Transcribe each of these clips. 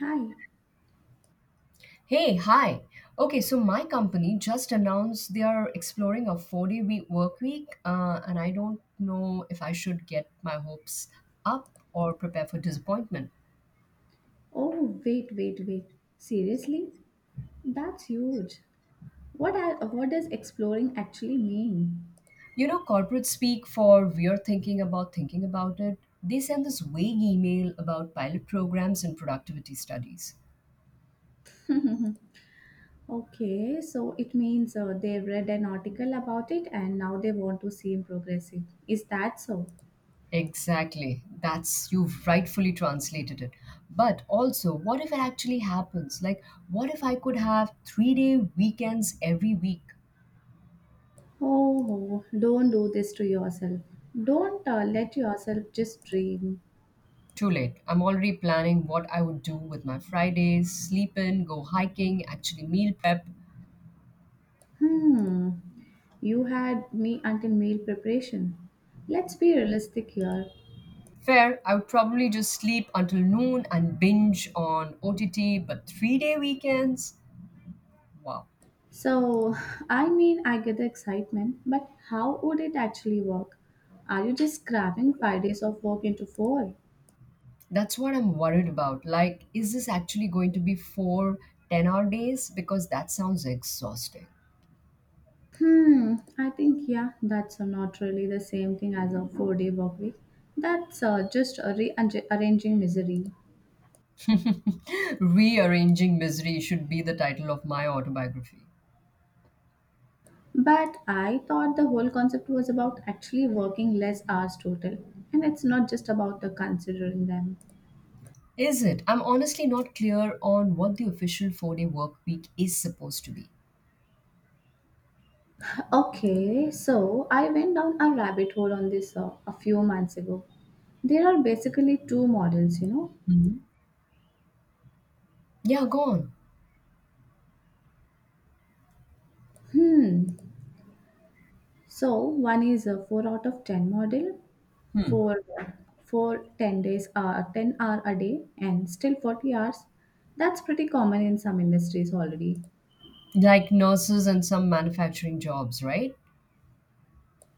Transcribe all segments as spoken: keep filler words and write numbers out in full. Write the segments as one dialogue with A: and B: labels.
A: Hi.
B: Hey, hi. Okay, so my company just announced they are exploring a four day week work week, uh, and I don't know if I should get my hopes up or prepare for disappointment.
A: Oh, wait, wait, wait. Seriously? That's huge. What are what does exploring actually mean?
B: You know, corporate speak for we're thinking about thinking about it. They send this vague email about pilot programs and productivity studies.
A: Okay, so it means uh, they read an article about it and now they want to seem progressive. Is that so?
B: Exactly. That's You've rightfully translated it. But also, what if it actually happens? Like, what if I could have three day weekends every week?
A: Oh, don't do this to yourself. Don't uh, let yourself just dream.
B: Too late. I'm already planning what I would do with my Fridays sleep in, go hiking, actually meal prep.
A: Hmm. You had me until meal preparation. Let's be realistic here.
B: Fair, I would probably just sleep until noon and binge on O T T, but three day weekends? Wow.
A: So, I mean, I get the excitement, but how would it actually work? Are you just cramming five days of work into four?
B: That's what I'm worried about. Like, is this actually going to be four ten hour days? Because that sounds exhausting.
A: Hmm, I think, yeah, that's uh, not really the same thing as a four day work week. That's uh, just a rearranging misery.
B: Rearranging Misery should be the title of my autobiography.
A: But I thought the whole concept was about actually working less hours total, and it's not just about the considering them.
B: Is it? I'm honestly not clear on what the official four day work week is supposed to be.
A: Okay, so I went down a rabbit hole on this uh, a few months ago. There are basically two models, you know.
B: Yeah, go on.
A: Hmm. So one is a four out of ten model
B: Hmm.
A: for for ten days, uh, ten hour a day, and still forty hours. That's pretty common in some industries already.
B: Like nurses and some manufacturing jobs, right?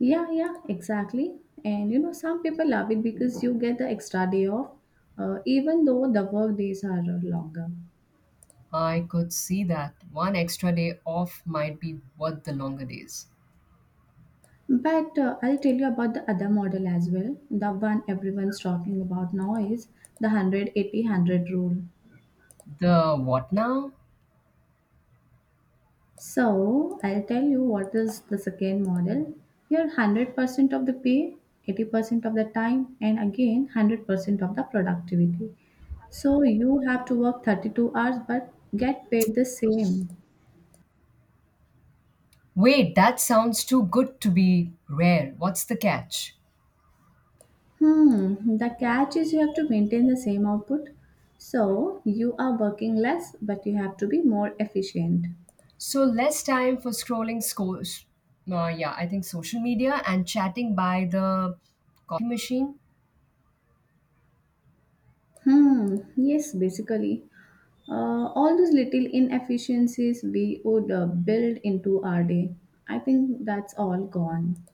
A: Yeah, yeah, exactly. And you know, some people love it because you get the extra day off, uh, even though the work days are uh, longer.
B: I could see that one extra day off might be worth the longer days.
A: But uh, I'll tell you about the other model as well. The one everyone's talking about now is the 180-100 rule.
B: The what now?
A: So I'll tell you what is the second model. Here one hundred percent of the pay, eighty percent of the time, and again one hundred percent of the productivity. So you have to work thirty-two hours but get paid the same.
B: Wait, that sounds too good to be rare. What's the catch?
A: Hmm, the catch is you have to maintain the same output. So you are working less but you have to be more efficient.
B: So less time for scrolling sco- s- uh, yeah, I think social media and chatting by the coffee machine.
A: Hmm. Yes, basically. Uh, all those little inefficiencies we would uh, build into our day. I think that's all gone.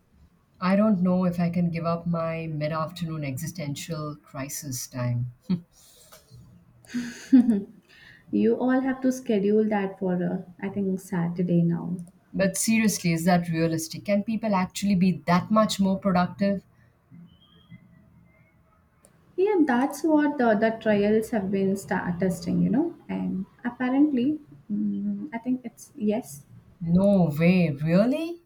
B: I don't know if I can give up my mid-afternoon existential crisis time.
A: You all have to schedule that for, uh, I think, Saturday now.
B: But seriously, is that realistic? Can people actually be that much more productive?
A: Yeah, that's what the, the trials have been start testing, you know, and apparently, mm, I think it's yes.
B: No way, really?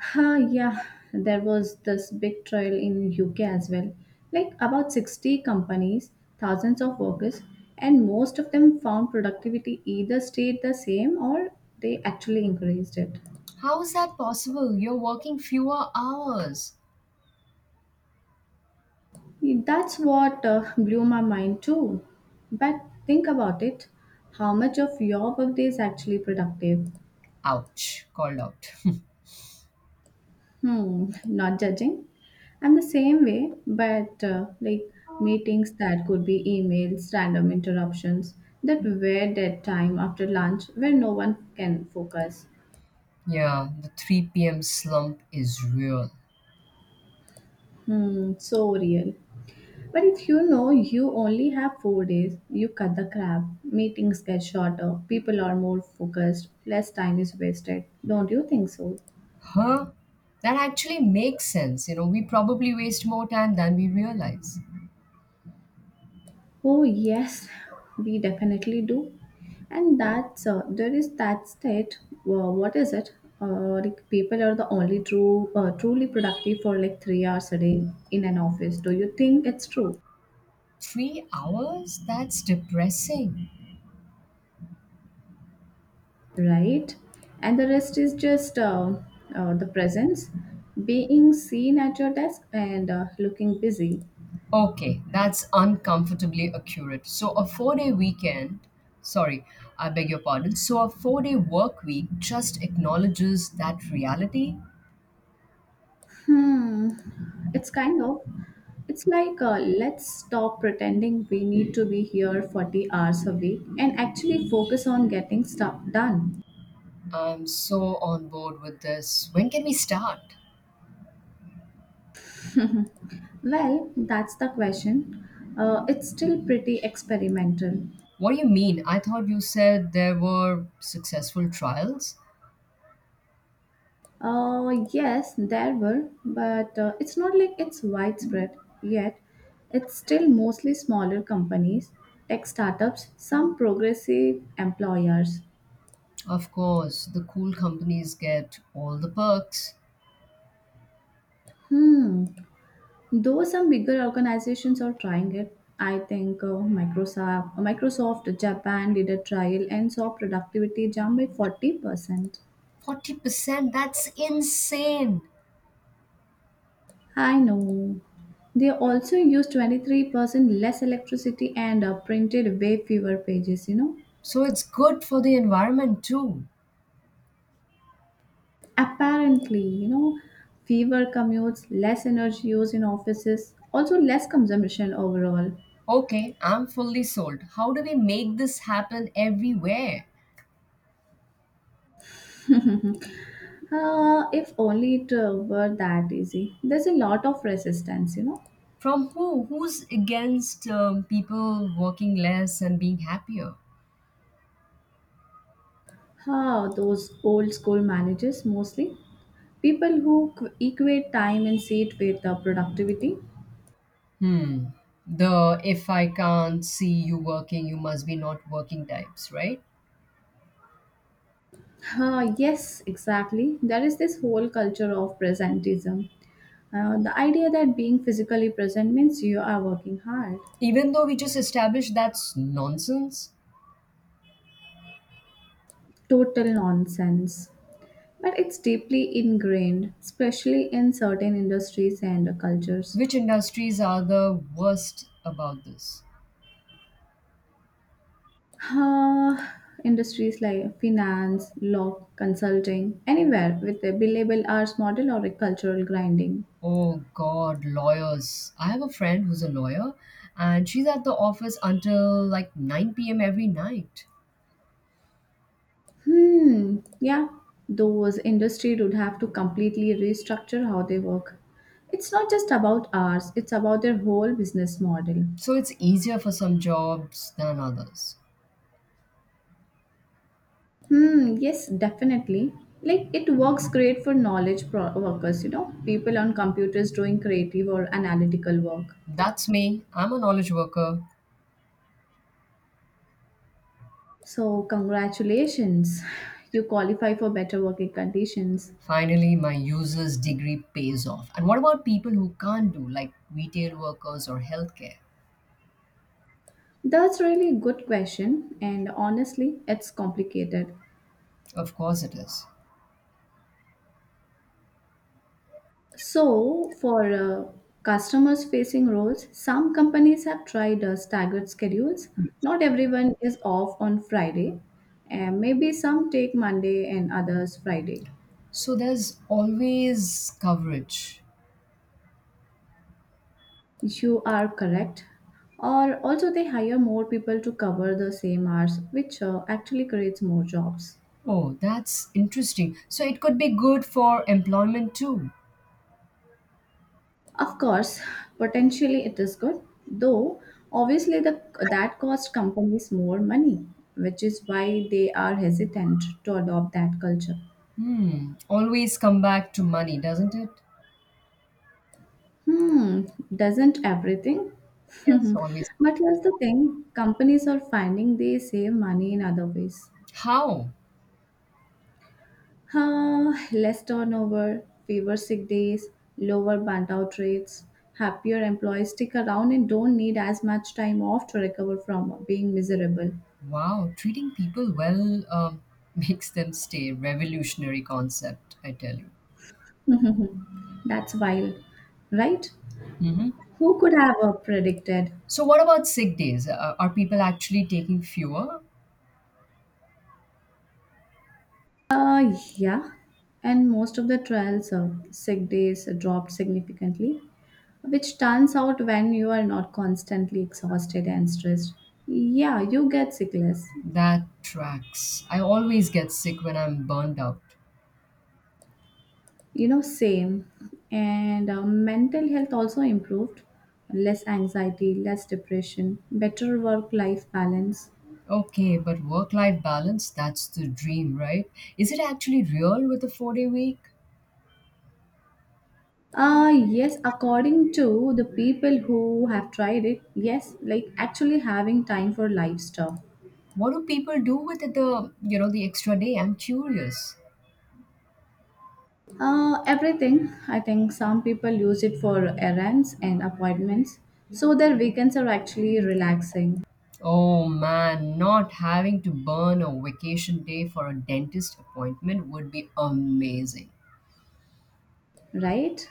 A: Huh, yeah, there was this big trial in U K as well. Like about sixty companies, thousands of workers, and most of them found productivity either stayed the same or they actually increased it.
B: How is that possible? You're working fewer hours.
A: That's what uh, blew my mind too. But think about it, how much of your workday is actually productive?
B: Ouch, called out.
A: Hmm, not judging. I'm the same way, but uh, like meetings that could be emails, random interruptions that were dead time after lunch where no one can focus.
B: Yeah, the three p m slump is real.
A: Hmm, so real. But if you know you only have four days, you cut the crap. Meetings get shorter, people are more focused, less time is wasted. Don't you think so?
B: Huh? That actually makes sense. You know, we probably waste more time than we realize.
A: Oh yes, we definitely do. And that's uh, there is that state. Uh, what is it? Uh, like people are the only true, uh, truly productive for like three hours a day in an office. Do you think it's true?
B: Three hours? That's depressing.
A: Right? And the rest is just uh, uh, the presence, being seen at your desk and uh, looking busy.
B: Okay, that's uncomfortably accurate. So, a four day weekend, sorry, I beg your pardon. So, a four day work week just acknowledges that reality.
A: Hmm. It's kind of, it's like uh, let's stop pretending we need to be here forty hours a week and actually focus on getting stuff done.
B: I'm so on board with this. When can we start?
A: Well, that's the question. Uh, it's still pretty experimental.
B: What do you mean? I thought you said there were successful trials.
A: Uh, yes, there were, but uh, it's not like it's widespread yet. It's still mostly smaller companies, tech startups, some progressive employers.
B: Of course, the cool companies get all the perks.
A: Hmm, though some bigger organizations are trying it. I think uh, Microsoft, uh, Microsoft Japan did a trial and saw productivity jump by forty percent.
B: forty percent, that's insane.
A: I know. They also used twenty-three percent less electricity and uh, printed way fewer pages, you know.
B: So, it's good for the environment too.
A: Apparently, you know, fewer commutes, less energy use in offices, also less consumption overall.
B: Okay, I'm fully sold. How do we make this happen everywhere?
A: Uh, if only it uh, were that easy. There's a lot of resistance, you know.
B: From who? Who's against um, people working less and being happier?
A: Ah, those old school managers mostly. People who qu- equate time and seat with uh, productivity.
B: Hmm. The if I can't see you working, you must be not working types, right?
A: Ah, yes, exactly. There is this whole culture of presentism. Uh, the idea that being physically present means you are working hard.
B: Even though we just established that's nonsense,
A: Total nonsense. But it's deeply ingrained, especially in certain industries and cultures.
B: which industries are the worst about this?
A: Uh, industries like finance, law, consulting, anywhere with a billable hours model or a cultural grinding.
B: Oh God, lawyers. I have a friend who's a lawyer and she's at the office until like nine p m every night.
A: Hmm, yeah, those industry would have to completely restructure how they work. It's not just about hours, it's about their whole business model.
B: So it's easier for some jobs than others.
A: Hmm, yes, definitely. Like it works great for knowledge pro- workers, you know, people on computers doing creative or analytical work.
B: That's me. I'm a knowledge worker.
A: So, congratulations, you qualify for better working conditions.
B: Finally, my user's degree pays off. And what about people who can't do, like retail workers or healthcare?
A: That's really a good question, and honestly, it's complicated.
B: Of course, it is.
A: So, for uh, customers facing roles, some companies have tried uh, staggered schedules. Not everyone is off on Friday, and maybe some take Monday and others Friday.
B: So there's always coverage.
A: You are correct. Or also, they hire more people to cover the same hours, which uh, actually creates more jobs.
B: Oh, that's interesting. So it could be good for employment too.
A: Of course, potentially it is good, though obviously the, that cost companies more money, which is why they are hesitant to adopt that culture.
B: Hmm. Always come back to money, doesn't it?
A: Hmm, doesn't everything?
B: Yes, always.
A: but here's the thing, companies are finding they save money in other ways.
B: How?
A: Uh, less turnover, fewer sick days, lower burnout rates, happier employees stick around and don't need as much time off to recover from being miserable.
B: Wow, treating people well um, makes them stay. Revolutionary concept, I tell you.
A: That's wild, right?
B: Hmm.
A: Who could have uh, predicted?
B: So, what about sick days? Uh, are people actually taking fewer?
A: Uh, yeah. And most of the trials, uh, sick days dropped significantly, which turns out when you are not constantly exhausted and stressed. Yeah, you get sick less.
B: That tracks. I always get sick when I'm burned out.
A: You know, same. And uh, mental health also improved, less anxiety, less depression, better work life balance.
B: Okay, but work life balance, that's the dream, right? Is it actually real with a four day week?
A: Uh, yes, according to the people who have tried it, yes, like actually having time for lifestyle.
B: What do people do with the, you know, the extra day? I'm curious.
A: Uh, everything. I think some people use it for errands and appointments, so their weekends are actually relaxing,
B: Oh man, not having to burn a vacation day for a dentist appointment would be amazing.
A: right?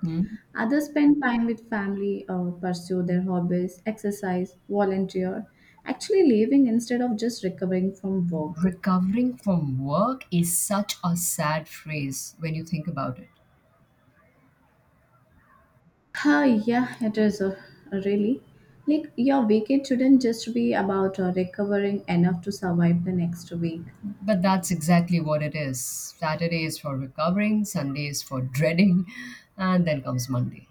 B: Hmm?
A: Others spend time with family or pursue their hobbies, exercise, volunteer, actually living instead of just recovering from work.
B: Recovering from work is such a sad phrase when you think about it.
A: Huh, yeah, it is uh, really. Like, your weekend shouldn't just be about uh, recovering enough to survive the next week.
B: But that's exactly what it is. Saturday is for recovering, Sunday is for dreading, and then comes Monday.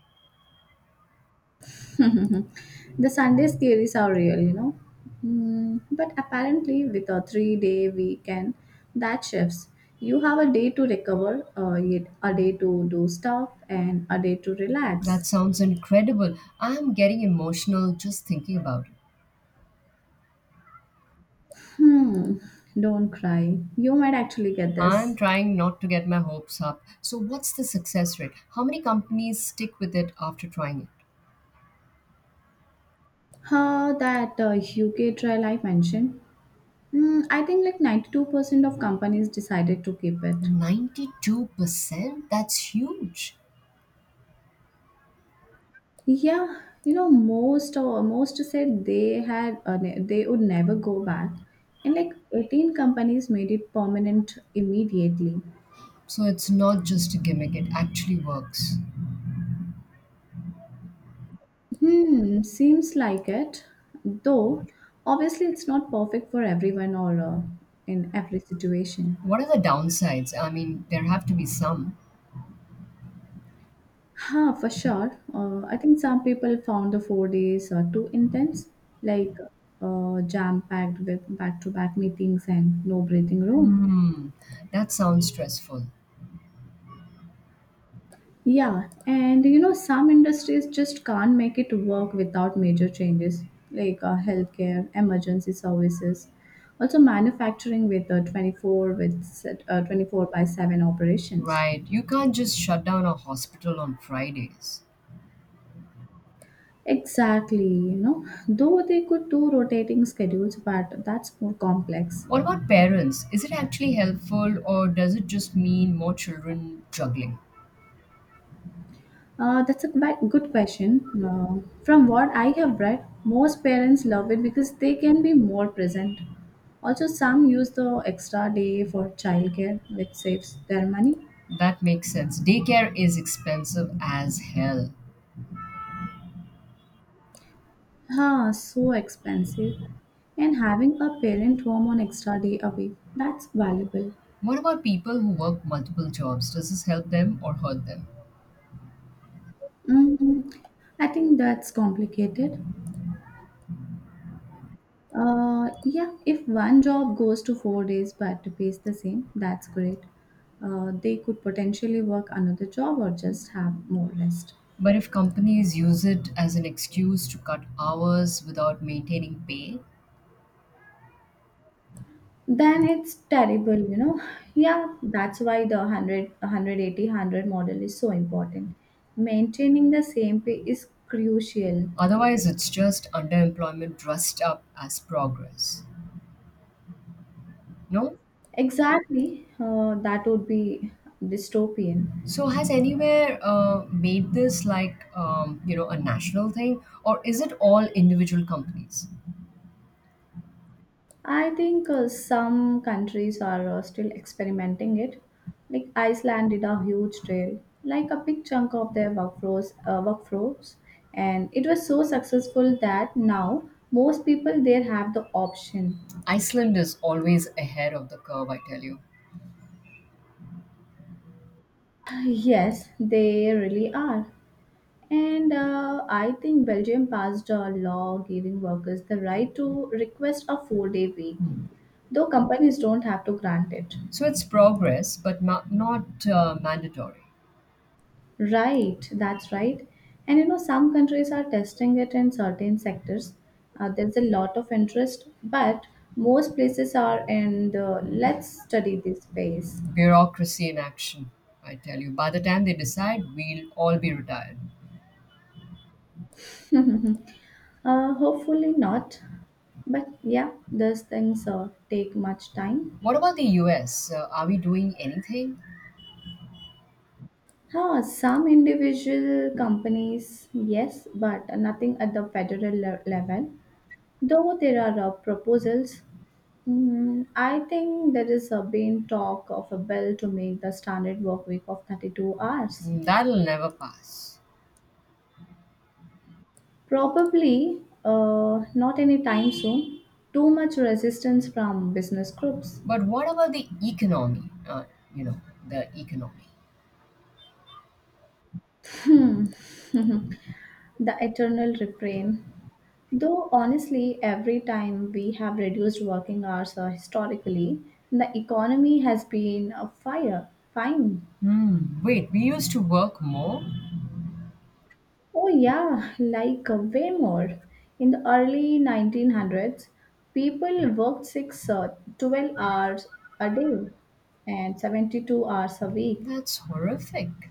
A: the Sundays theories are real, you know. Mm, but apparently, with a three day weekend, that shifts. You have a day to recover, uh, yet a day to do stuff, and a day to
B: That
A: relax.
B: sounds incredible. I'm getting emotional just thinking about it.
A: Hmm, don't cry. You might actually get
B: I'm
A: this.
B: trying not to get my hopes up. So, what's the success rate? How many companies stick with it after trying it?
A: How that uh, U K trial I mentioned. Mm, I think like ninety-two percent of companies decided to keep it.
B: ninety-two percent? That's huge.
A: Yeah, you know, most uh, most said they had uh, ne- they would never go back, and like eighteen companies made it permanent immediately.
B: So, it's not just a gimmick, it actually works.
A: Hmm, seems like it. Though obviously it's not perfect for everyone or uh, in every situation.
B: What are the downsides? I mean, there have to be some.
A: Huh, for sure. Uh, I think some people found the four days uh, too intense, like uh, jam packed with back to back meetings and no breathing room.
B: Hmm, that sounds stressful.
A: Yeah, and you know, some industries just can't make it work without major changes, like uh, healthcare, emergency services, also manufacturing with uh, twenty-four with set- uh, twenty-four by seven operations.
B: Right, you can't just shut down a hospital on Fridays.
A: Exactly, you know, though they could do rotating schedules, but that's more complex.
B: What about parents? Is it actually helpful or does it just mean more children juggling?
A: Uh, that's a ba- good question. Uh, from what I have read, most parents love it because they can be more present. Also, some use the extra day for childcare, which saves their money.
B: That makes sense. Daycare is expensive as hell.
A: Ah, so expensive. And having a parent home on extra day a week, that's valuable.
B: What about people who work multiple jobs? Does this help them or hurt them?
A: Mm, I think that's complicated. Uh, yeah, if one job goes to four days but pays the same, that's great. Uh, they could potentially work another job or just have more rest.
B: But if companies use it as an excuse to cut hours without maintaining pay,
A: Then it's terrible, you know. Yeah, that's why the one hundred, model is so important. Maintaining the same pay is crucial.
B: otherwise it's just underemployment dressed up as progress. No?
A: Exactly, uh, that would be dystopian.
B: So has anywhere uh, made this like um, you know a national thing, or is it all individual companies?
A: I think uh, some countries are uh, still experimenting it. Like Iceland did a huge trail, like a big chunk of their workforce, uh, workforce, and it was so successful that now most people there have the option.
B: Iceland is always ahead of the curve, I tell you.
A: Yes, they really are. And uh, I think Belgium passed a law giving workers the right to request a four-day week, though companies don't have to grant it.
B: So it's progress, but ma- not uh, mandatory.
A: Right, that's right. And you know, some countries are testing it in certain sectors. Uh, there's a lot of interest, but most places are in the let's study this phase.
B: Bureaucracy in action, I tell you. By the time they decide, we'll all be retired.
A: Uh, hopefully not, but yeah, those things uh, take much time.
B: What about the U S? Uh, are we doing anything?
A: Huh, some individual companies, yes, but nothing at the federal le- level. Though there are uh, proposals. Mm, I think there is a been talk of a bill to make the standard work week of thirty-two hours.
B: Mm. That'll never pass.
A: Probably uh, not anytime soon. Too much resistance from business groups.
B: But what about the economy? Uh, you know, the economy.
A: The eternal refrain. Though honestly, every time we have reduced working hours uh, historically, the economy has been a fire. Fine.
B: Hmm, wait, we used to work more?
A: Oh, yeah, like uh, way more. In the early nineteen hundreds, people worked six uh, twelve hours a day and seventy-two hours a week.
B: That's horrific.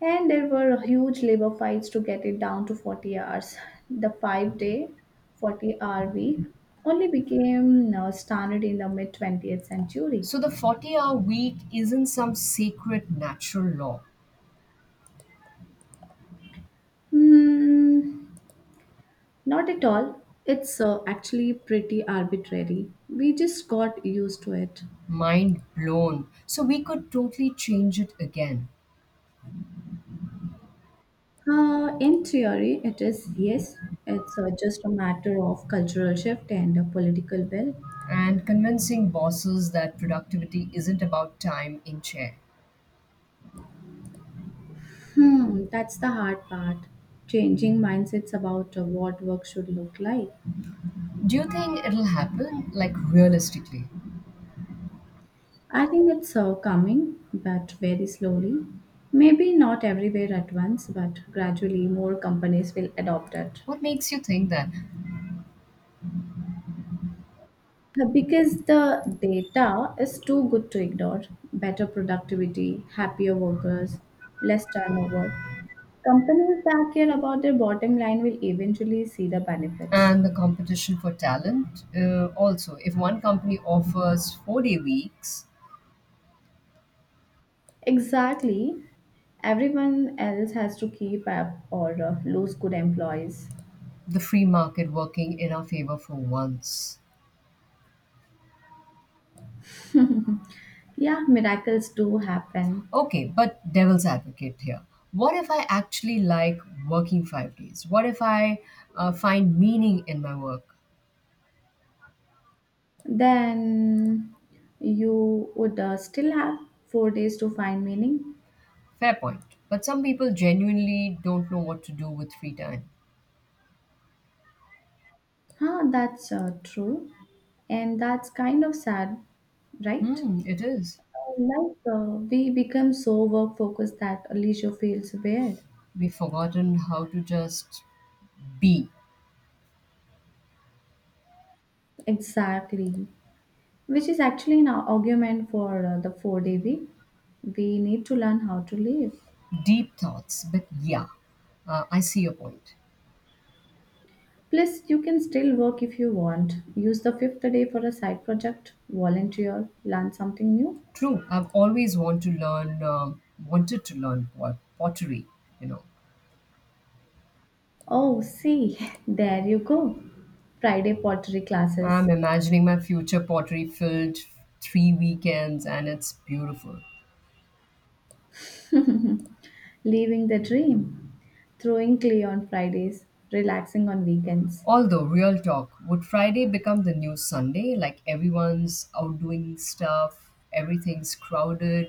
A: And there were huge labor fights to get it down to forty hours. The five day, forty hour week only became uh, standard in the mid twentieth century.
B: So the forty hour week isn't some sacred natural law.
A: Hmm, not at all. It's uh, actually pretty arbitrary. We just got used to it.
B: Mind blown. So we could totally change it again.
A: Uh, in theory, it is, yes. It's uh, just a matter of cultural shift and a political will.
B: And convincing bosses that productivity isn't about time in chair.
A: Hmm, that's the hard part. Changing mindsets about uh, what work should look like.
B: Do you think it'll happen, like realistically?
A: I think it's uh, coming, but very slowly. Maybe not everywhere at once, but gradually more companies will adopt it.
B: What makes you think that?
A: Because the data is too good to ignore. Better productivity, happier workers, less turnover. Companies that care about their bottom line will eventually see the benefits.
B: And the competition for talent. Uh, also, if one company offers four day weeks,
A: Exactly. Everyone else has to keep up or uh, lose good employees.
B: the free market working in our favor for once.
A: Yeah, miracles do happen.
B: Okay, but devil's advocate here. What if I actually like working five days? What if I uh, find meaning in my work?
A: Then you would uh, still have four days to find meaning.
B: Fair point. But some people genuinely don't know what to do with free time.
A: Huh, that's uh, true. And that's kind of sad, right?
B: Hmm, it is.
A: Uh, Like uh, we become so work focused that leisure feels weird.
B: We've forgotten how to just be.
A: Exactly. Which is actually an argument for uh, the four day week. We need to learn how to live.
B: Deep thoughts, but yeah, uh, I see your point.
A: Plus, you can still work if you want. Use the fifth day for a side project, volunteer, learn something new.
B: True, I've always want to learn, um, wanted to learn pot- pottery. You know,
A: Oh, see, there you go. Friday pottery classes.
B: I'm imagining my future pottery filled three weekends, and it's beautiful.
A: Living the dream. Throwing clay on Fridays, relaxing on weekends.
B: Although, real talk, would Friday become the new Sunday? Like everyone's out doing stuff, everything's crowded.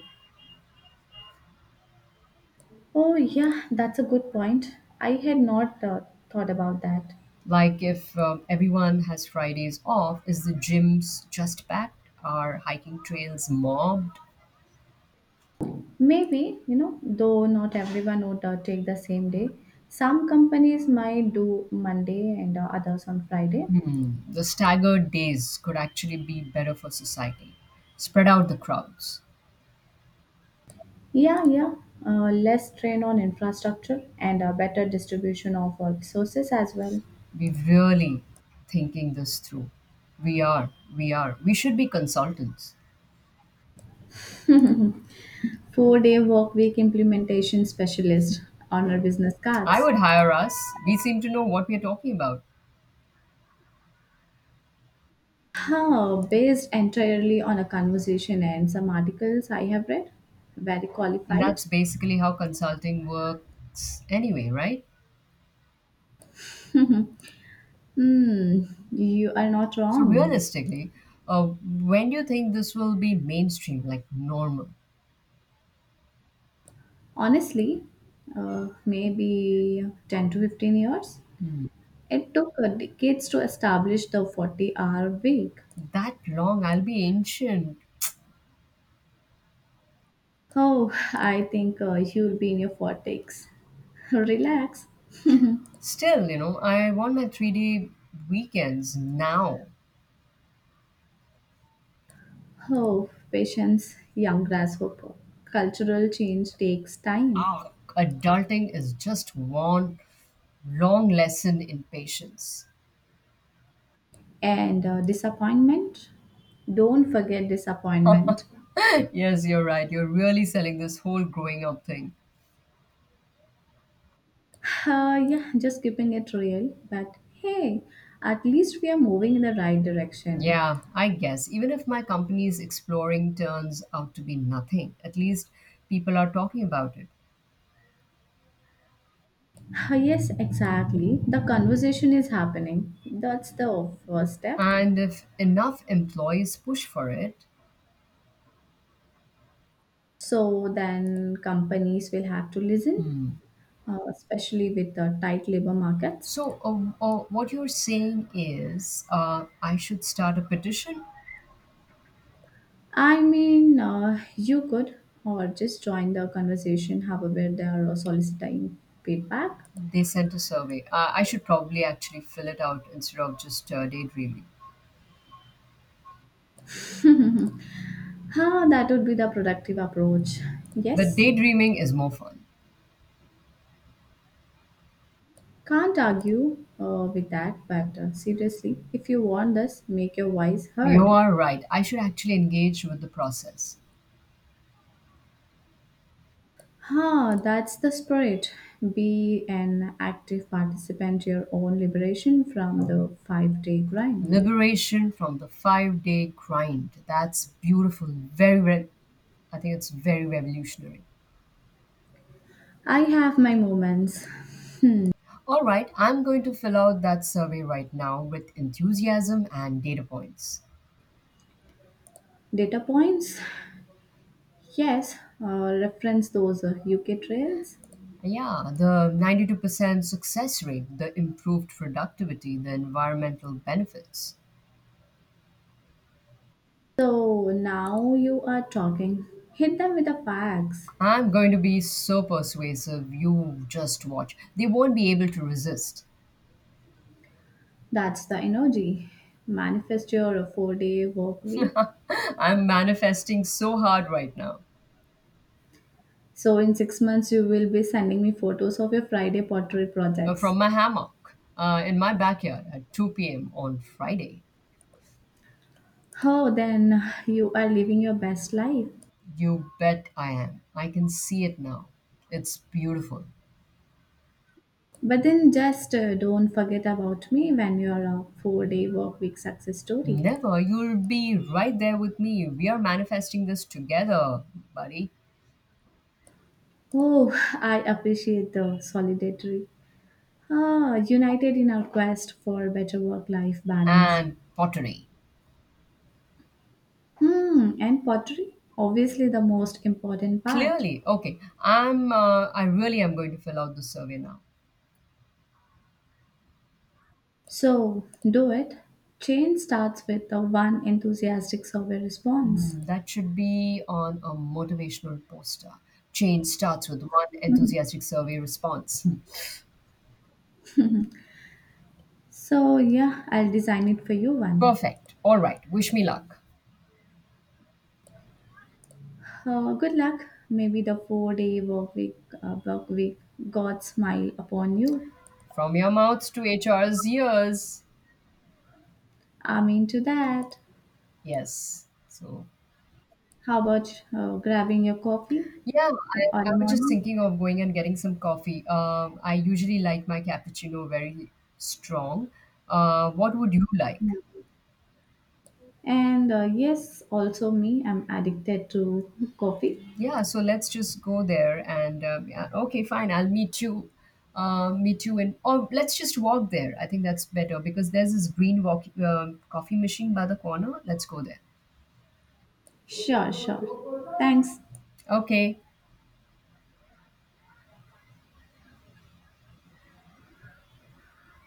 A: Oh, yeah, that's a good point. I had not uh, thought about that.
B: Like if um, everyone has Fridays off, is the gyms just packed? Are hiking trails mobbed?
A: Maybe, you know, though not everyone would uh, take the same day. Some companies might do Monday and uh, others on Friday.
B: Hmm, the staggered days could actually be better for society. Spread out the crowds.
A: Yeah, yeah. Uh, less strain on infrastructure and a better distribution of our resources as well.
B: We are really thinking this through. We are, we are. We should be consultants.
A: Four-day workweek implementation specialist on our business
B: I
A: cards.
B: would hire us. We seem to know what we are talking about.
A: Huh, based entirely on a conversation and some articles I have read. Very qualified.
B: That's basically how consulting works anyway, right?
A: Hmm, you are not
B: So
A: wrong.
B: realistically, uh, when do you think this will be mainstream, like normal?
A: Honestly, uh, maybe ten to fifteen years. It took uh, decades to establish the forty hour week.
B: That long, I'll be ancient.
A: Oh, I think uh, you'll be in your forties. Relax.
B: Still, you know, I want my three day weekends now.
A: Oh, patience, young grasshopper. Cultural change takes time.
B: Ah, adulting is just one long lesson in patience.
A: And uh, disappointment? Don't forget disappointment.
B: Yes, you're right. You're really selling this whole growing up thing.
A: Uh, yeah, just keeping it real. But hey, at least we are moving in the right direction.
B: Yeah, I guess. Even if my company's exploring turns out to be nothing, at least people are talking about it.
A: Uh, yes, exactly. The conversation is happening. That's the first step.
B: And if enough employees push for it.
A: So then companies will have to listen,
B: Hmm.
A: uh, especially with the tight labor markets.
B: So, uh, uh, what you're saying is, uh, I should start a petition?
A: I mean, uh, you could, or just join the conversation however they are soliciting feedback.
B: They sent a survey. Uh, I should probably actually fill it out instead of just uh, daydreaming.
A: Huh, that would be the productive approach.
B: But
A: Yes,
B: daydreaming is more fun.
A: can't argue uh, with that, but uh, seriously, if you want this, make your voice
B: You
A: heard.
B: are right. I should actually engage with the process.
A: Huh, that's the spirit. Be an active participant to your own liberation from the five day grind.
B: Liberation from the five day grind. That's beautiful. Very, re- I think it's very revolutionary.
A: I have my moments. Hmm.
B: All right, I'm going to fill out that survey right now with enthusiasm and data points.
A: Data points? Yes, uh, reference those uh, U K trails.
B: Yeah, the ninety-two percent success rate, the improved productivity, the environmental benefits.
A: So now you are talking. Hit them with the facts.
B: I'm going to be so persuasive, you just watch. They won't be able to resist.
A: That's the energy. Manifest your four day work week.
B: I'm manifesting so hard right now.
A: So in six months, you will be sending me photos of your Friday pottery
B: Uh,
A: projects.
B: from my hammock uh, in my backyard at two p m on Friday.
A: Oh, then you are living your best life.
B: You bet I am. I can see it now. It's beautiful.
A: But then just uh, don't forget about me when you are a four day work week success story.
B: Never, you'll be right there with me. We are manifesting this together, buddy.
A: Oh, I appreciate the solidarity. Ah, united in our quest for better work life balance.
B: And pottery.
A: Hmm, and pottery? Obviously, the most important part.
B: Clearly, okay. I'm. Uh, I really am going to fill out the survey now.
A: So, do it. Change starts with the one enthusiastic survey response.
B: Mm, that should be on a motivational poster. Change starts with one
A: Mhm.
B: enthusiastic survey response.
A: So, yeah, I'll design it for you one.
B: Perfect. All right. Wish me luck.
A: Uh, good luck. Maybe the four day work week, uh, work week, God smile upon you.
B: From your mouth to H R's ears.
A: I'm into that.
B: Yes. So,
A: How about uh, grabbing your coffee
B: yeah,
A: in
B: I, I
A: early
B: was just
A: morning?
B: thinking of going and getting some coffee. Um, I usually like my cappuccino very strong. Uh, what would you like?
A: And uh, yes, also me, I'm addicted to coffee.
B: Yeah, so let's just go there and um, yeah, okay, fine. I'll meet you. Uh, meet you in, or let's just walk there. I think that's better because there's this green walk, um coffee machine by the corner. Let's go there.
A: Sure, sure. Thanks.
B: Okay,